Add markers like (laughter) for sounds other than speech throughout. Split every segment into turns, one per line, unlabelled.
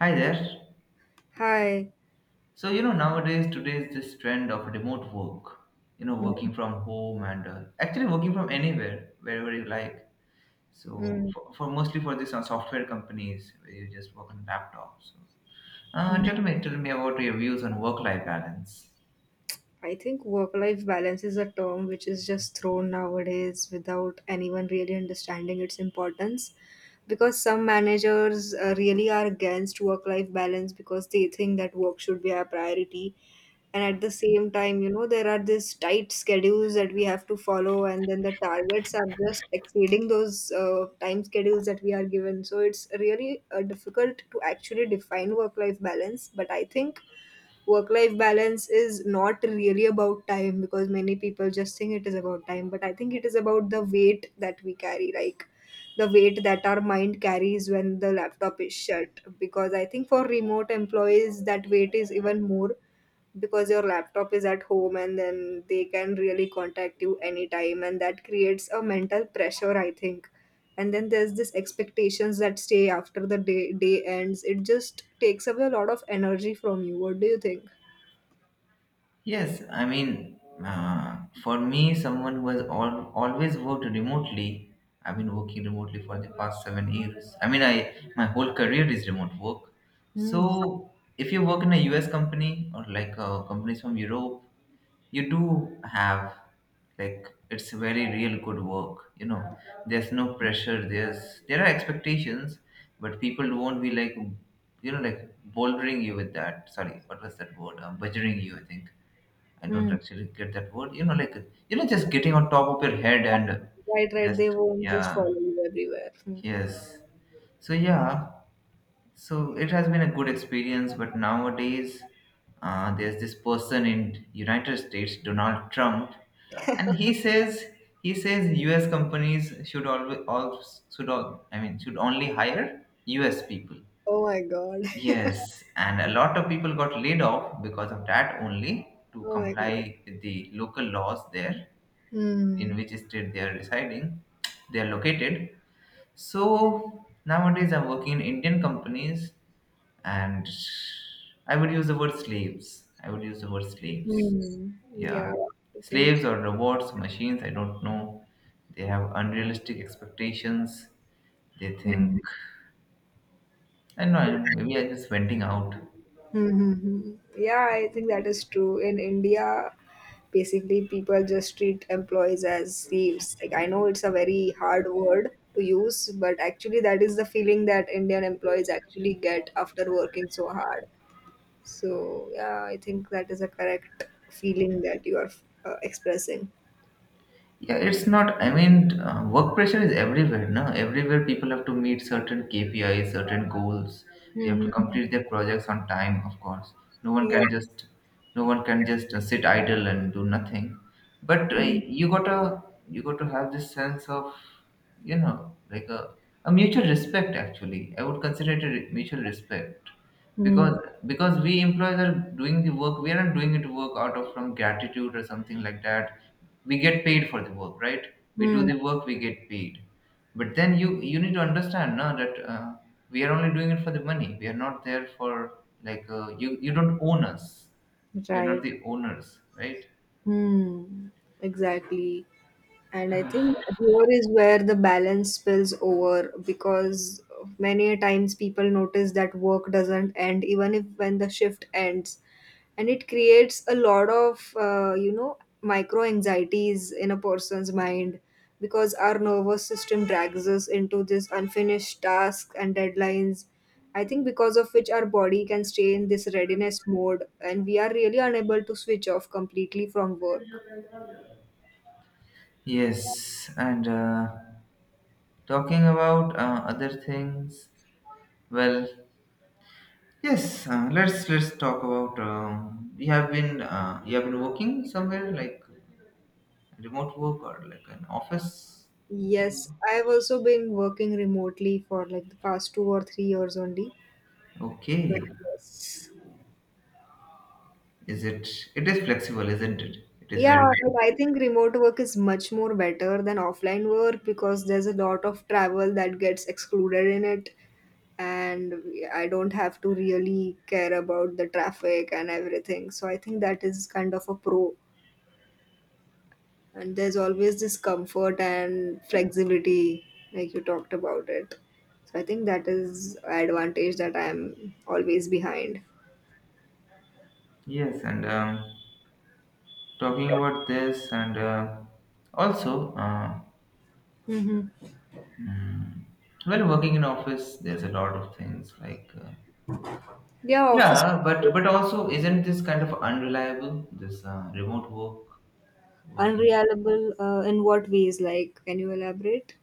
Hi there.
Hi.
Nowadays, today's this trend of remote work,
Mm.
working from home and actually working from anywhere, wherever you like. So,
Mm.
for mostly for this on software companies where you just work on laptops. So,
Mm.
tell me about your views on work-life balance.
I think work-life balance is a term which is just thrown nowadays without anyone really understanding its importance because some managers really are against work-life balance because they think that work should be our priority. And at the same time, there are these tight schedules that we have to follow, and then the targets are just exceeding those time schedules that we are given. So it's really difficult to actually define work-life balance. But I think work life balance is not really about time, because many people just think it is about time, but I think it is about the weight that we carry, like the weight that our mind carries when the laptop is shut, because I think for remote employees that weight is even more, because your laptop is at home and then they can really contact you anytime, and that creates a mental pressure, I think. And then there's this expectations that stay after the day ends. It just takes away a lot of energy from you. What do you think?
Yes, for me, someone who has always worked remotely, I've been working remotely for the past 7 years. I mean, I my whole career is remote work.
Mm.
So, if you work in a US company or like companies from Europe, you do have like it's very real good work. You know, there's no pressure. There are expectations, but people won't be like you know like bouldering you with that. Sorry, what was that word? Badgering you, I think. I don't
Mm.
actually get that word. Just getting on top of your head and
Right, right.
just
They won't just
yeah,
follow you everywhere. Mm.
yes. So yeah, so it has been a good experience. But nowadays, there's this person in United States, Donald Trump, and he says US companies should always, I mean should only hire US people.
Oh my God. (laughs)
Yes, and a lot of people got laid off because of that only to
Oh my God.
comply with the local laws there in
Hmm.
which state they are residing, they are located. So nowadays I'm working in Indian companies and I would use the word slaves. I would use the word slaves.
Hmm. Yeah,
Yeah.
I think.
Slaves or robots, machines, I don't know. They have unrealistic expectations. They think,
Hmm.
I don't know, maybe I'm just venting out.
Mm-hmm. Yeah, I think that is true. In India, basically, people just treat employees as thieves. Like, I know it's a very hard word to use, but actually, that is the feeling that Indian employees actually get after working so hard. So, yeah, I think that is a correct feeling that you are expressing.
Yeah, it's not. Work pressure is everywhere, no? Everywhere people have to meet certain KPIs, certain goals. They have to
Mm-hmm.
complete their projects on time, of course. No one
Yeah.
can just, no one can just sit idle and do nothing. But
Hmm.
you gotta, you got to have this sense of, you know, like a, a mutual respect. Actually, I would consider it a mutual respect
Hmm.
because because we employees are doing the work. We aren't doing it work out of from gratitude or something like that. We get paid for the work, right? We do the work, we get paid. But then you need to understand now that we are only doing it for the money. We are not there for like you don't own us. You're not
Right.
the owners, right?
Hmm. Exactly. And I think here is where the balance spills over, because many a times people notice that work doesn't end even if when the shift ends. And it creates a lot of micro anxieties in a person's mind, because our nervous system drags us into this unfinished tasks and deadlines, I think, because of which our body can stay in this readiness mode and we are really unable to switch off completely from work.
Yes, and talking about other things, well, yes, let's talk about. You have been you have been working somewhere like remote work or like an office.
Yes, I have also been working remotely for like the past 2 or 3 years only, but
Okay,
yes.
is it? It is flexible, isn't it? It is
Yeah,
very
but
flexible.
I think remote work is much more better than offline work, because there's a lot of travel that gets excluded in it, and I don't have to really care about the traffic and everything. So I think that is kind of a pro. And there's always this comfort and flexibility, like you talked about it. So I think that is a advantage that I'm always behind.
Yes, and talking about this, and also
Mm-hmm.
while working in office, there's a lot of things like.
Yeah, office.
Yeah, but also isn't this kind of unreliable? This remote work, working.
Unreliable, in what ways? Like, can you elaborate?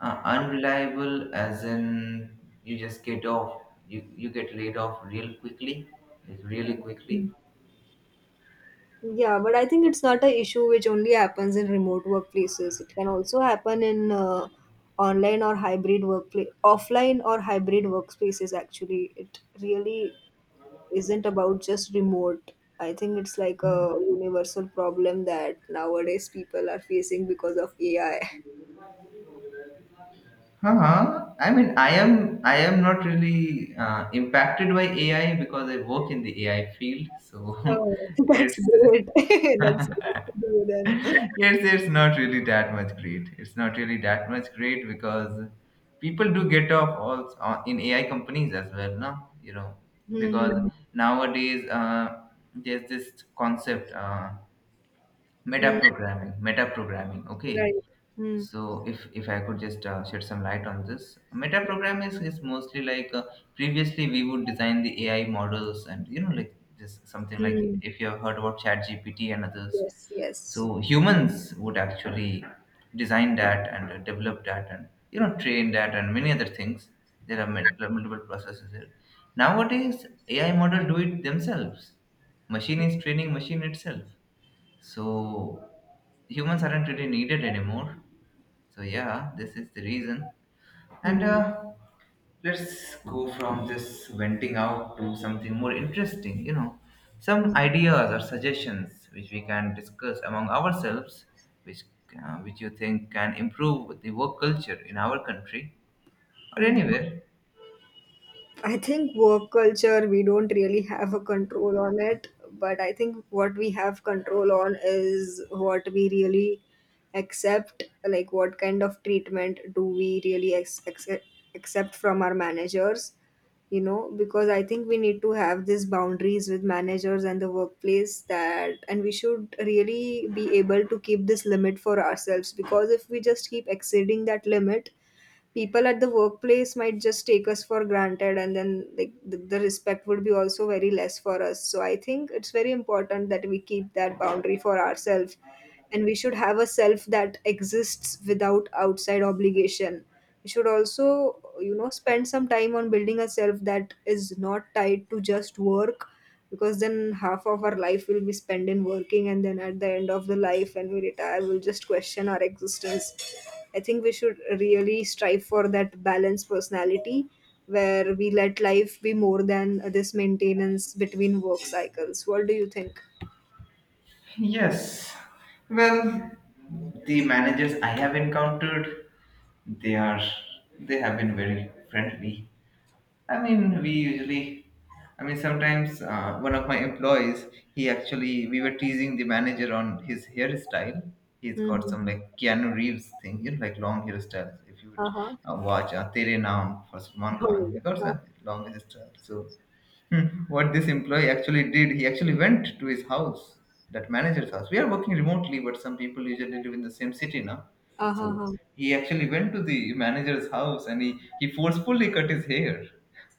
Unreliable, as in you just get off, you get laid off real quickly, like really quickly.
Mm. Yeah, but I think it's not an issue which only happens in remote workplaces. It can also happen in online or hybrid workplace, offline or hybrid workspaces. Actually, it really isn't about just remote. I think it's like a universal problem that nowadays people are facing because of AI.
Huh? I mean, I am not really impacted by AI because I work in the AI field, so (laughs)
Oh, (laughs) that's
it's
great. (laughs) That's great to do then.
yes, it's not really that much great. It's not really that much great because people do get off also in AI companies as well, no? You know, because
Hmm.
nowadays there's this concept
Hmm.
meta programming.
Right.
Okay,
Hmm.
so if I could just shed some light on this, meta programming is mostly like previously we would design the AI models and you know like just something like
Hmm.
if you have heard about ChatGPT and others,
Yes. Yes.
so humans would actually design that and develop that and you know train that and many other things. There are multiple processes there. Nowadays AI model do it themselves, machine is training machine itself. So humans aren't really needed anymore. So yeah, this is the reason. And
Hmm.
let's go from this venting out to something more interesting, you know, some ideas or suggestions which we can discuss among ourselves, which, which you think can improve the work culture in our country or
Hmm.
anywhere.
I think work culture, we don't really have a control on it, but I think what we have control on is what we really accept, like what kind of treatment do we really accept from our managers, you know, because I think we need to have these boundaries with managers and the workplace that, and we should really be able to keep this limit for ourselves, because if we just keep exceeding that limit, people at the workplace might just take us for granted, and then like the respect would be also very less for us. So I think it's very important that we keep that boundary for ourselves, and we should have a self that exists without outside obligation. We should also, you know, spend some time on building a self that is not tied to just work, because then half of our life will be spent in working and then at the end of the life when we retire we'll just question our existence. I think we should really strive for that balanced personality, where we let life be more than this maintenance between work cycles. What do you think?
Yes. Well, the managers I have encountered, they are they have been very friendly. I mean, we usually, I mean, sometimes one of my employees, he actually, we were teasing the manager on his hairstyle. He's got some
Mm-hmm.
like Keanu Reeves thing, you know, like long hairstyles. If you would
Uh-huh.
watch Tere Naam for
(laughs)
Salman Khan, he got
Oh.
a long hairstyle. So, hmm, what this employee actually did, he actually went to his house, that manager's house. We are working remotely, but some people usually live in the same city now. So,
Uh-huh.
he actually went to the manager's house and he forcefully cut his hair.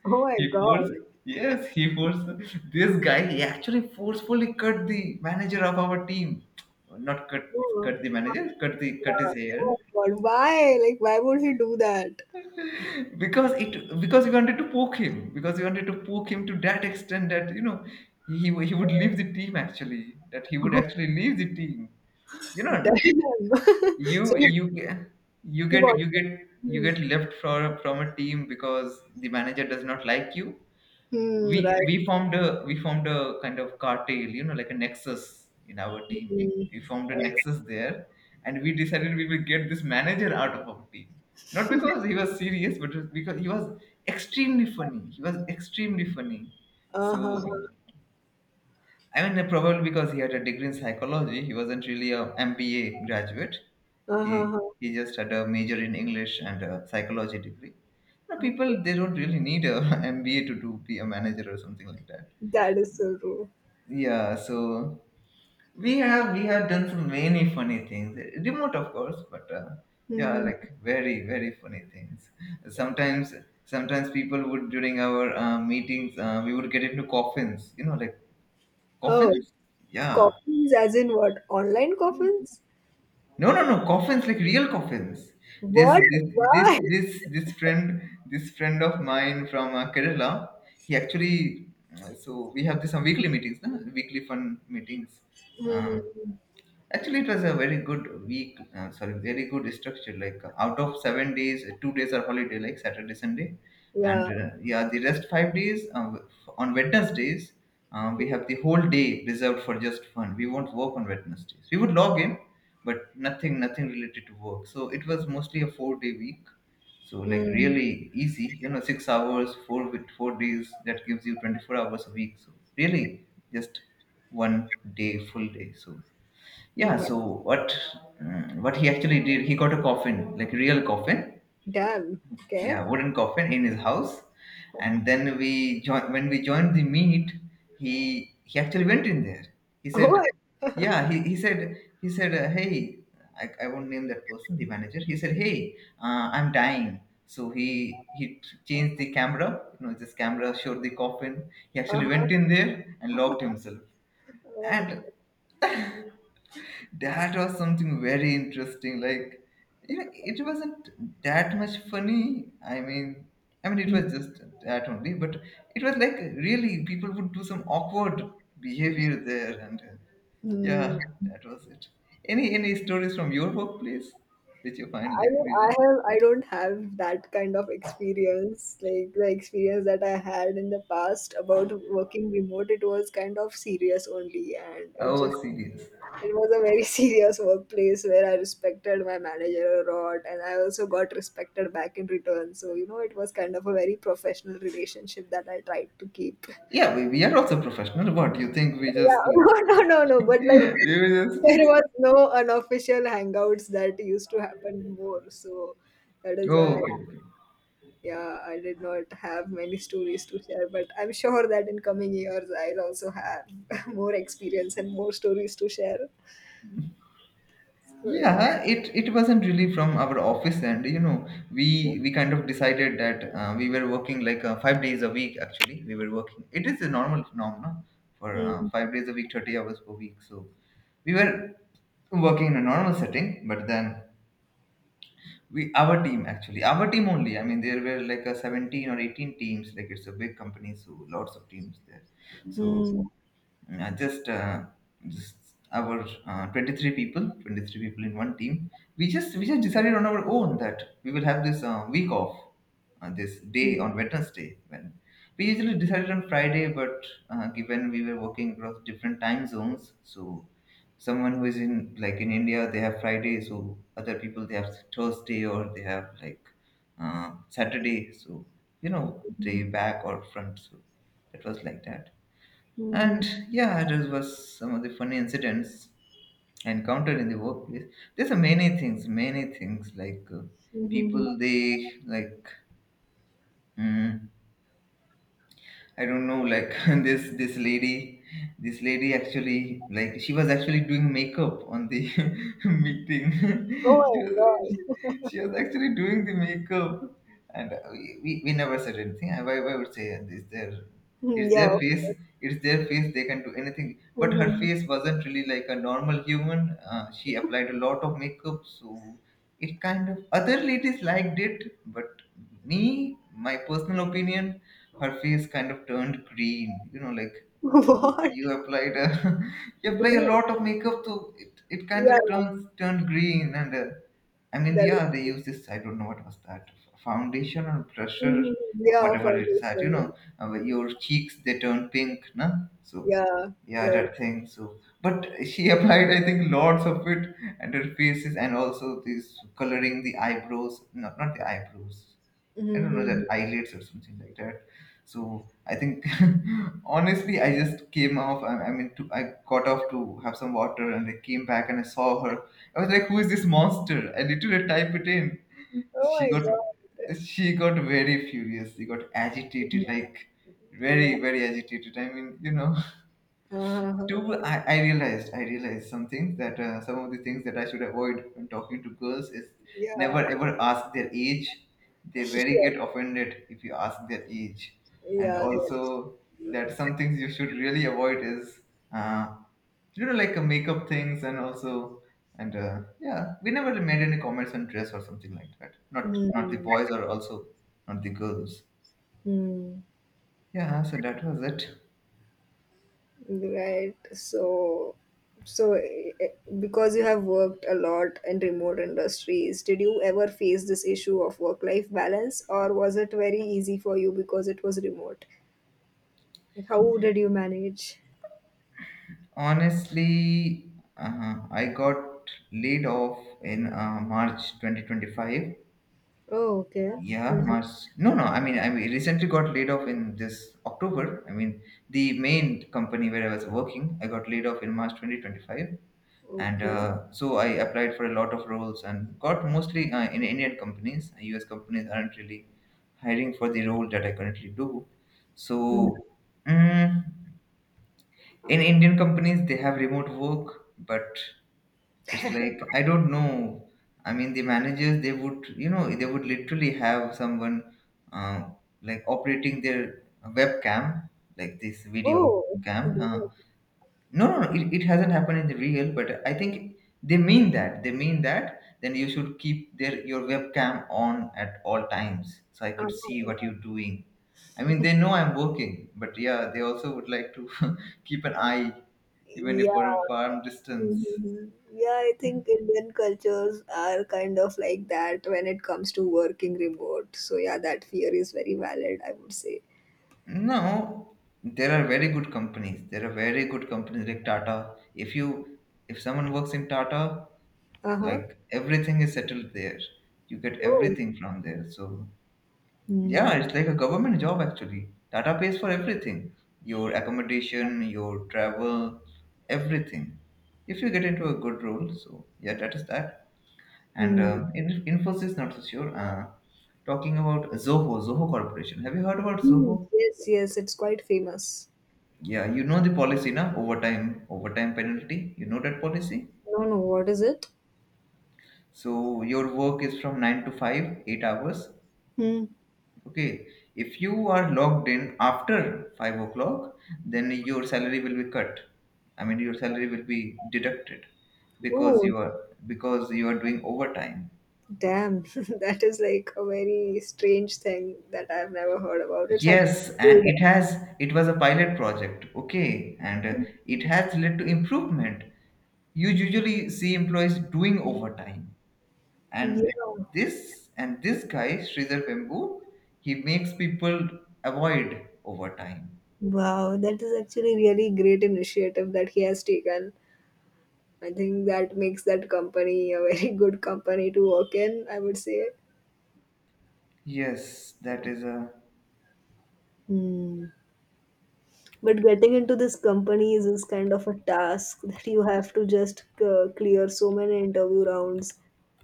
Oh my
he
God.
forced, yes, he forced this guy. He actually forcefully cut the manager of our team. Not cut,
Oh,
cut the manager, cut his
yeah.
hair
Oh my God. Why? Like, why would he do that?
(laughs) because we wanted to poke him, because we wanted to poke him to that extent that you know he he would leave the team, actually that he would
(laughs)
actually leave the team. You know,
Damn. (laughs) So
you
you.
you get
He was.
you
Hmm.
get left from a team because the manager does not like you.
Hmm, right.
We formed a kind of cartel, you know, like a nexus in our team. We
Hmm.
formed a nexus there, and we decided we will get this manager out of our team. Not because he was serious, but just because he was extremely funny he was extremely funny.
Uh-huh.
So I mean probably because he had a degree in psychology, he wasn't really a MBA graduate. he
Uh-huh.
he just had a major in English and a psychology degree. You know, people
Okay.
they don't really need a (laughs) MBA to do be a manager or something like that.
That is so true.
Yeah, so we have done so many funny things. Remote, of course, but yeah,
Hmm.
like very funny things. Sometimes Sometimes people would during our meetings we would get into coffins. You know, like
Oh.
coffins. Yeah.
Coffins? As in what? Online coffins?
No, no, no. Coffins like real coffins. This
What?
this
Why?
this friend, of mine from Kerala. He actually, so we have this on weekly meetings, na? Weekly fun meetings. Uh,
Hmm.
Actually, it was a very good week. Sorry, very good structure. Like out of 7 days, 2 days are holiday, like Saturday, Sunday, and
Yeah.
yeah, the rest 5 days on Wednesdays we have the whole day reserved for just fun. We won't work on Wednesdays. We would log in, but nothing, nothing related to work. So it was mostly a four-day week. So like
Mm.
really easy, you know, 6 hours, 4 days. That gives you 24 hours a week. So really just one day, full day. So yeah,
Mm.
so what mm, what he actually did, he got a coffin, like real coffin,
Damn. Okay.
yeah,
(laughs)
wooden coffin in his house, and then we join when we joined the meet, he actually went in there. He
Oh.
said, yeah, he said, hey, I won't name that person, the manager. He said, hey, I'm dying. So he changed the camera, you know, this camera showed the coffin. He actually
Uh-huh.
went in there and locked himself,
Oh my
and
God.
that was something very interesting. Like, you know, it wasn't that much funny. I mean it was
Mm.
just that only, but it was like really people would do some awkward behavior there. And yeah,
Mm.
that was it. Any stories from your workplace which you find
I
like
mean,
really
I don't have that kind of experience. Like the experience that I had in the past about working remote, it was kind of serious only, and
oh serious?
it was a very (laughs) serious workplace where I respected my manager a lot, and I also got respected back in return. So you know, it was kind of a very professional relationship that I tried to keep.
Yeah, we are also professional, what do you think? We just
Yeah, (laughs) no, no, no, no. But like
(laughs) we just
there was no unofficial hangouts that used to happen more. So that is
oh
why. I
okay okay.
Yeah, I did not have many stories to share, but I'm sure that in coming years I'll also have (laughs) more experience and more stories to share. So yeah.
Yeah, it wasn't really from our office, and you know we kind of decided that we were working like 5 days a week. Actually we were working, it is a normal phenomenon for
Hmm.
5 days a week, 30 hours per week. So we were working in a normal setting, but then we our team, actually our team only, I mean there were like a 17 or 18 teams, like it's a big company, so lots of teams there. So
Hmm.
uh, just uh, just our 23 people, in one team, we just decided on our own that we will have this week off, this day
Hmm.
on Wednesday. When we usually decided on Friday but given we were working across different time zones, so someone who is in like in India they have Friday, so other people they have Thursday or they have like Saturday. So you know, day back or front, so it was like that.
Hmm.
And yeah, that was some of the funny incidents I encountered in the workplace. There's a many things,
Hmm. Hmm.
people they like. mm, I don't know, like (laughs) this lady, this lady actually like she was actually doing makeup on the (laughs) meeting. (laughs) she,
Oh my
was,
God.
she she was actually doing the makeup, and we never said anything. I would say it's their
Hmm.
it's
Yeah.
their face, it's their face. They can do anything. But her
Hmm.
face wasn't really like a normal human. She applied a lot of makeup, so it kind of other ladies liked it, but me, my personal opinion her face kind of turned green. You know, like
(laughs)
you
What?
you applied a (laughs) you apply a
Great.
lot of makeup, so it kind
Yeah.
of turns turned green. And I mean,
That is.
yeah, they
(laughs)
use this. I don't know what was that foundation or pressure,
Hmm. Yeah.
whatever it's that.
Foundation.
Your cheeks they turn pink, no? So
Yeah.
yeah,
Right.
that thing. So, but she (laughs) applied, I think, lots of it, and her faces, and also this coloring the eyebrows. Not the eyebrows.
(laughs)
I don't know
Hmm.
that eyelids or something like that. So I think, (laughs) honestly, I just came off. I mean, to, I got off to have some water, and I came back and I saw her. I was like, "Who is this monster?" I literally type it in.
Oh
She
my
got,
God.
she got very furious. She got
(laughs) Hmm.
agitated, like
Yeah.
very, very agitated. I mean, you know,
Uh,
Two, I realized, I realized something that some of the things that I should avoid when talking to girls is
yeah.
never ever ask their age. They
(laughs)
very get
Yes.
offended if you ask their age, and
Yeah. That.
also that some things you should really avoid is uh, you know like makeup things and also and yeah, we never made any comments on dress or something like that. Not the
Hmm.
boys or also not the girls.
Hmm.
Yeah, so that was it.
Right. So, so eh, eh, because you have worked a lot in remote industries, did you ever face this issue of work-life balance, or was it very easy for you because it was remote? Like, how did you manage?
Honestly, I got laid off in March 2025.
Oh, okay. Hmm.
Yeah, March. No, no. I mean, recently got laid off in this October. I mean, the main company where I was working, I got laid off in March 2025, and
Okay.
so I applied for a lot of roles and got mostly in Indian companies. U.S. companies aren't really hiring for the role that I currently do.
Hmm.
So, mm, in Indian companies, they have remote work, but it's like I don't know. I mean, the managers they would you know they would literally have someone uh, like operating their webcam like this video
Oh.
cam.
Good.
Huh? No, it hasn't happened in the real, but I think they mean that then you should keep their your webcam on at all times so I
Ah.
could see what you're doing. I mean, they know I'm working, but yeah, they also would like to (laughs) keep an eye even if for
Yeah.
a farm distance.
Mhm. Yeah, I think Indian cultures are kind of like that when it comes to working remote. So yeah, that fear is very valid, I would say.
No, there are very good companies. There are very good companies like Tata. If someone works in Tata,
Uh-huh.
like everything is settled there. You get
Oh.
everything from there. So yeah,
Hmm.
it's like a government job actually. Tata pays for everything. Your accommodation, your travel, everything. If you get into a good role, so yeah, that is that. And
Hmm.
In Infosys, not so sure. Talking about Zoho, Zoho Corporation. Have you heard about
Hmm.
Zoho?
Yes, yes, it's quite famous.
Yeah, you know the policy na overtime penalty. You know that policy.
No, no, what is it?
So your work is from 9 to 5, 8 hours.
Hmm.
Okay. If you are logged in after 5 o'clock, then your salary will be cut. I mean your salary will be deducted because
Oh,
you are because you are doing overtime.
damn. (laughs) That is like a very strange thing that I've never heard about. It's actually
Yes, and
good.
it was a pilot project. Okay, and it has led to improvement. You usually see employees doing overtime and
Yeah.
this guy Sridhar Pembu, he makes people avoid over time.
Wow, that is actually really great initiative that he has taken. I think that makes that company a very (laughs) good company to work in, I would say.
Yes, that is a.
Hmm. But getting into this companies is kind of a task that you have to just clear so many interview rounds.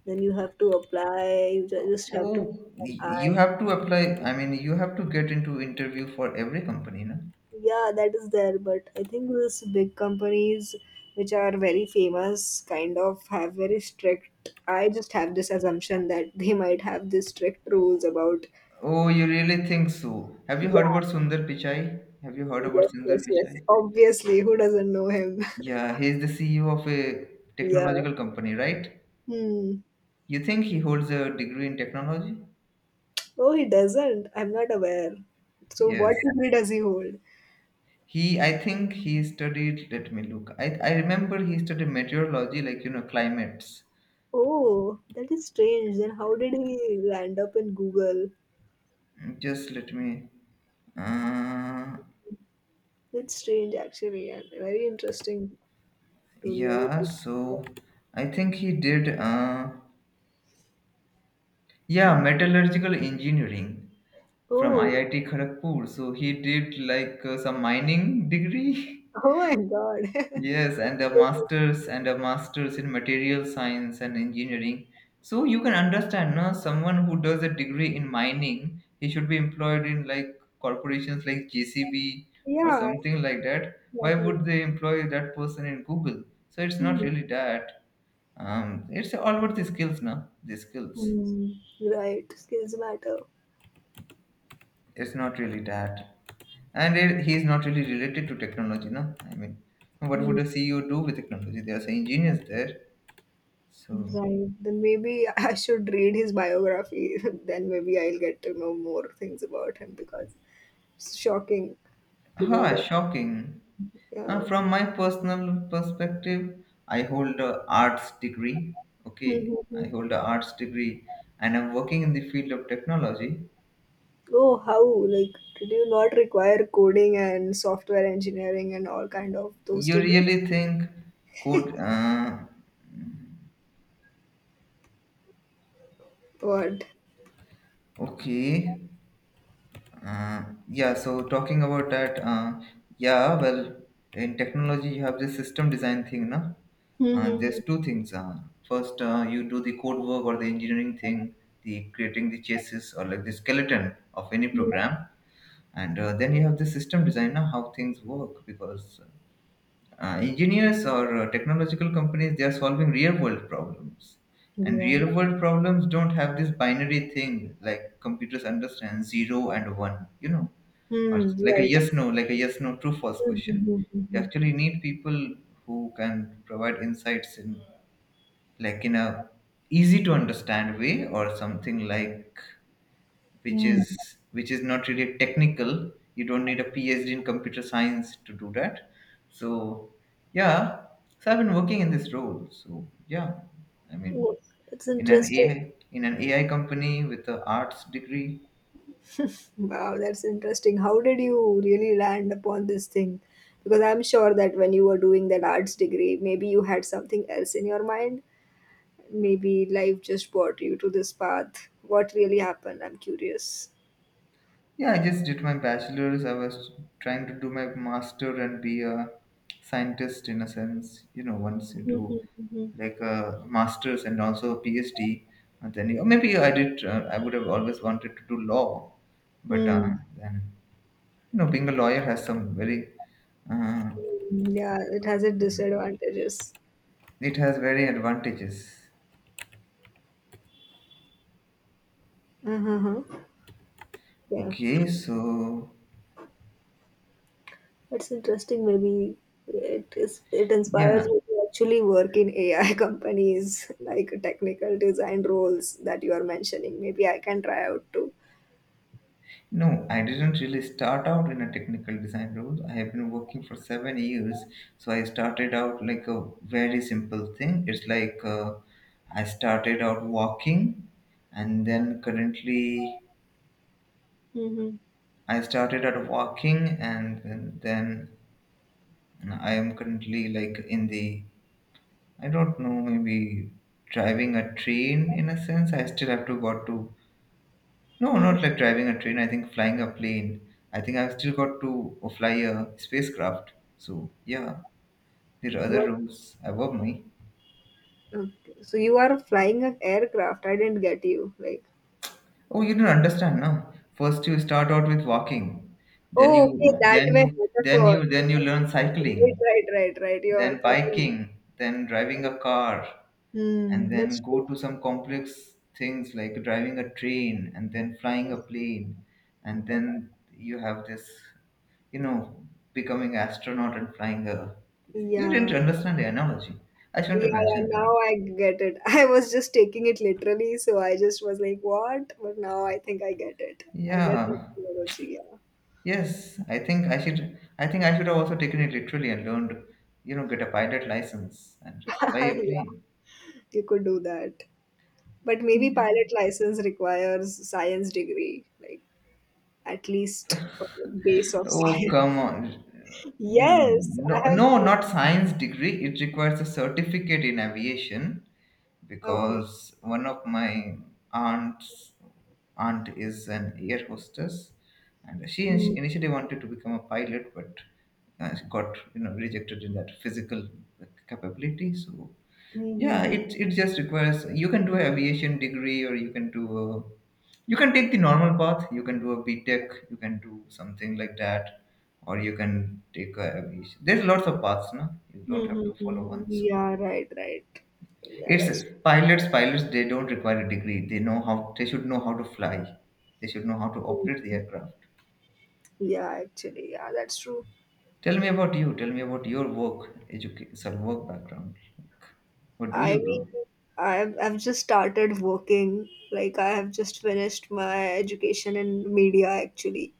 Then you have to apply. You just have to keep
Oh,
an eye.
you have to apply. I mean, you have to get into interview for every company, no?
Yeah, that is there. But I think these big companies, which are very famous, kind of have very strict. I just have this assumption that they might have these strict rules about.
Oh, you really think so? Have you
Yeah.
heard about Sundar Pichai? Have you heard about
Yes, yes,
Sundar
yes.
Pichai?
Obviously, who doesn't know him? (laughs)
Yeah, he is the CEO of a
Yeah.
technological company, right?
Hmm.
You think he holds a degree in technology?
Oh, he doesn't. I'm not aware. So, what
Yes.
degree does he hold?
I think he studied, let me look. I remember he studied meteorology, like, you know, climates.
Oh, that is strange. Then, how did he land up in Google?
Just let me, uh,
That's strange, actually, and very interesting to really.
yeah, so I think he did, yeah,
Hmm.
metallurgical engineering from
Oh,
IIT Kharagpur. So he did like some mining degree. (laughs)
oh my God.
Yes, and a master's in material science and engineering. So you can understand, no, someone who does a degree in mining, he should be employed in like corporations like JCB
(laughs)
or
Yeah,
something like that. Why
exactly.
would they employ that person in Google? So it's not
Hmm.
really that. It's all about the skills, no? The skills.
Hmm. Right, skills matter.
It's not really that. And it, he is not really related to technology, no? I mean, what
Hmm.
would a CEO do with technology? There are some engineers there. So.
Right. Then maybe (laughs) I should read his biography. (laughs) Then maybe I'll get to know more things about him because it's shocking to know
Ah,
that.
shocking.
Yeah.
From my personal perspective, I hold a arts degree. Okay, I
Mhm.
hold a arts degree, and I'm working in the field of technology.
Oh, how? Like, did you not require coding and software engineering and all kind of those
You
degree?
really think code?
What?
Okay. Yeah. So talking about that. Yeah. Well, in technology, you have this system design thing, na. There's
Mhm.
two things. First, you do the code work or the engineering thing, the creating the chassis or like the skeleton of any program, and then you have the system designer how things work because engineers or technological companies they are solving real world problems, and
Yeah.
real world problems don't have this binary thing like computers understand zero and one, you know, or
Hmm.
like a
Right.
yes no, like a yes no true false
Hmm.
question.
Hmm.
You
Hmm.
actually need people who can provide insights in like in a easy to understand way or something like which
Hmm. Hmm.
is which is not really technical you don't need a phd in computer science to do that so yeah so I've been working in this role so yeah I mean
Oh, that's
in an
interesting.
ai in an ai company with a arts degree.
Wow, that's interesting. How did you really land upon this thing? Because I'm sure that when you were doing that arts degree, maybe you had something else in your mind. Maybe life just brought you to this path. What really happened? I'm curious.
Yeah, I just did my bachelor's. I was trying to do my master and be a scientist in a sense. You know, once you do
Mm-hmm.
like a master's and also a PhD, and then you, or maybe I did. I would have always wanted to do law, but
Mm.
then you know, being a lawyer has some very uh,
Yeah, it has its disadvantages.
it has very advantages.
Uh-huh. Huh. Yeah.
Okay, so
It's interesting. Maybe it is. It inspires
yeah,
me to actually work in AI (laughs) companies, like technical design roles that you are mentioning. Maybe I can try out too.
no, I didn't really start out in a technical design role. I have been working for 7 years, so I started out like a very simple thing. It's like I started out walking, and then currently
Mm-hmm.
I started out walking, and then I am currently like in the I don't know maybe driving a train in a sense. I still have to go to no,
Mm-hmm.
not like driving a train. I think flying a plane. I think I've still got to fly a spacecraft. So yeah, there are other
What?
roads above me.
Okay. So you are flying an aircraft. I didn't get you. Like,
Oh, you don't understand now. First you start out with walking, then
oh,
you
okay, that
then
way
you- then
metaphor.
you then you learn
Right,
cycling,
right, right, right. You are
then
talking.
biking, then driving a car, and
Hmm.
then
That's true.
go to some complex things like driving a train and then flying a plane and then you have this you know becoming astronaut and flying a you didn't
Yeah.
understand the analogy I
Yeah,
shouldn't have
yeah,
mentioned
now
that
I get it. (laughs) I was just taking it literally, so I just was like, what? But now I think I get it. I get the
yeah
technology, yeah.
I think I should have also taken it literally and learned you know get a pilot license and fly
(laughs)
a
Yeah,
plane.
you could do that. But maybe pilot license requires science degree, like at least a base of
Oh,
science. (laughs)
come on.
Yes, I
No,
have.
no, not science degree. It requires a certificate in aviation
Okay.
because one of my aunts aunt is an air hostess, and she
Hmm.
initially wanted to become a pilot, but she got you know rejected in that physical capability. So
Hmm.
yeah,
Hmm, hmm.
it just requires you can do an aviation degree or you can do a, you can take the normal path. You can do a B Tech. You can do something like that, or you can take a aviation. There's lots of paths, no? You
Hmm,
don't have
hmm,
to
hmm,
follow
hmm.
one. So
Yeah, right, right. Yeah,
it's
that's
pilots. Pilots they don't require a degree. They know how they should know how to fly. They should know how to
true.
operate the aircraft.
Yeah, actually, yeah, that's true.
Tell me about you. Tell me about your work, education, some work background. Like, what do
I
you do?
mean, I've just started working. Like I have just finished my education in media, actually,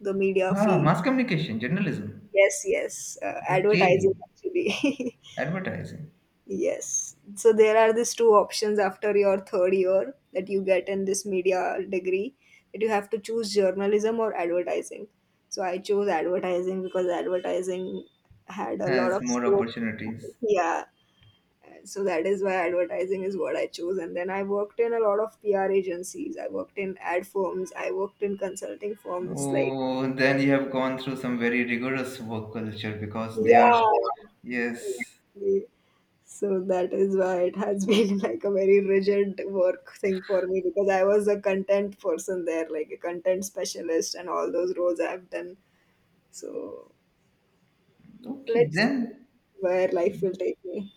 the media
Ah,
field.
mass communication, journalism.
Yes, yes,
Okay.
advertising actually.
Advertising
(laughs) Yes. So there are these two options after your third year that you get in this media degree that you have to choose journalism or advertising. So I chose advertising because advertising had a lot
has
of
more
scope.
opportunities.
Yeah, so that is why advertising is what I chose, and then I worked in a lot of PR agencies, I worked in ad firms, I worked in consulting firms, like,
Oh, then you have gone through some very rigorous work culture because they are,
yeah,
yes.
so that is why it has (laughs) been like a very rigid work thing for me, because I was a content person there, like a content specialist, and all those roles I've done. So
Okay,
let's see
then,
where life will take me.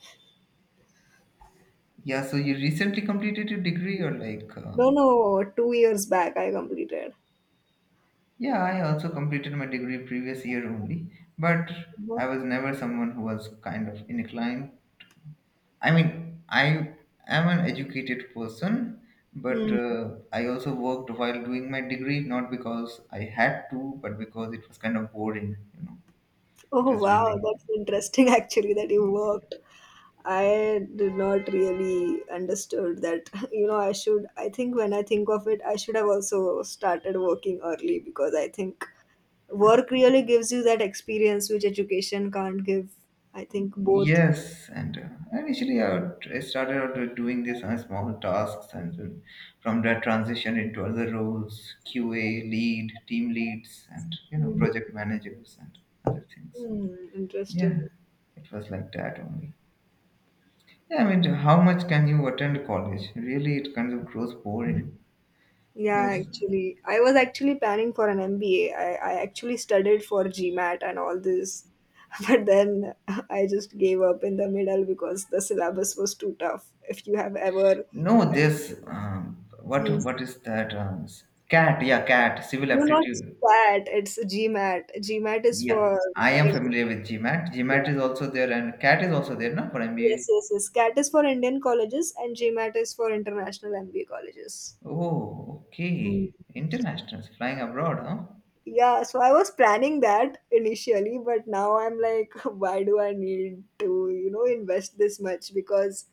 yeah, so you recently completed your degree or like,
No, no, 2 years back I completed.
yeah, I also completed my degree previous year only, but I was never someone who was kind of inclined I mean, I am an educated person, but
Mhm.
I also worked while doing my degree, not because I had to, but because it was kind of boring. You know, it
Oh
was
wow,
really
that's interesting (laughs) actually that you worked. I did not really understood that. (laughs) You know, I think when I think of it, I should have also started working early because I think work really gives you that experience which education can't give. I think both.
yes. And initially, I started out doing this on small tasks, and then from that transition into other roles, QA lead, team leads, and you know,
Mhm.
project managers and other things. So
Hmm,
yeah,
interesting.
it was like that only. Yeah, I mean, how much can you attend college? Really, it kind of grows boring.
Yeah,
There's
actually, I was actually planning for an MBA. I actually studied for GMAT and all this, (laughs) but then I just gave up in the middle because the syllabus was too tough. If you have ever,
No, there's um, what
mm,
what is that? Um, CAT, yeah, CAT, civil
no, not
aptitude.
SCAT, it's GMAT. GMAT is
Yeah,
for
I am
Indian-
familiar with GMAT.
yeah.
GMAT is also there, and CAT is also there, no, for
Yes,
MBA.
yes, yes. SCAT is for Indian colleges and GMAT is for international MBA colleges.
Oh, okay. Internationals flying abroad, huh?
Yeah, so I was planning that initially, but now I'm like, (laughs) why do I need to, invest this much? Because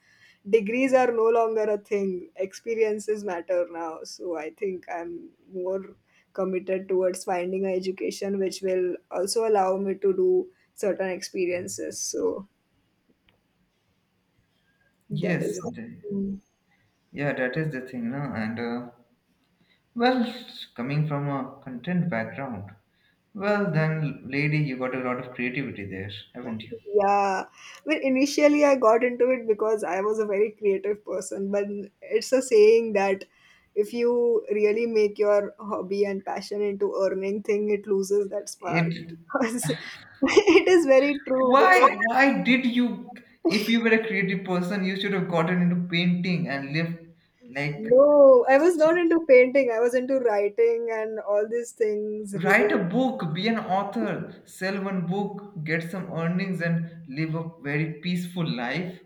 degrees are no longer a thing, experiences matter now. So I think I'm more committed towards finding an education which will also allow me to do certain experiences. So that is.
Yes, the, yeah, that is the thing, no? And well, coming from a content background, well, then, lady, you got a lot of creativity there, haven't you?
Yeah, well, initially I got into it because I was a very creative person, but it's a saying that if you really make your hobby and passion into earning thing, it loses that spark.
It
Because (laughs) it is very true. Because
why did you if you were a creative person you should have gotten into painting and lived like
No, I was not into painting. I was into writing and all these things. Really,
write a book be an author sell one book get some earnings and live a very peaceful life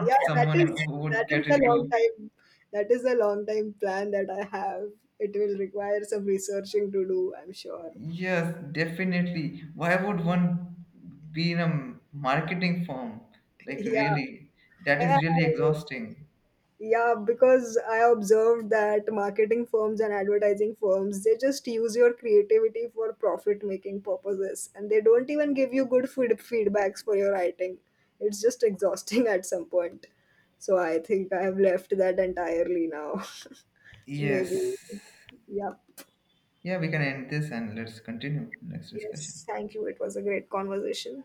yeah, that
someone
is
who
that
would
is
get
a long
into
time. That is a long time plan that I have. It will require some researching to do. I'm sure.
yes definitely why would one be in a marketing firm
(laughs)
like
Yeah.
really
(laughs)
that
Yeah,
is really exhausting
yeah, because I observed that marketing firms and advertising firms, they just use your creativity for profit making purposes and they don't even give you good feedbacks for your writing. It's just exhausting (laughs) at some point. So I think I have left that entirely now. (laughs) Maybe.
yes.
Yeah.
Yeah, we can end this and let's continue next discussion.
Yes. Thank you. It was a great conversation.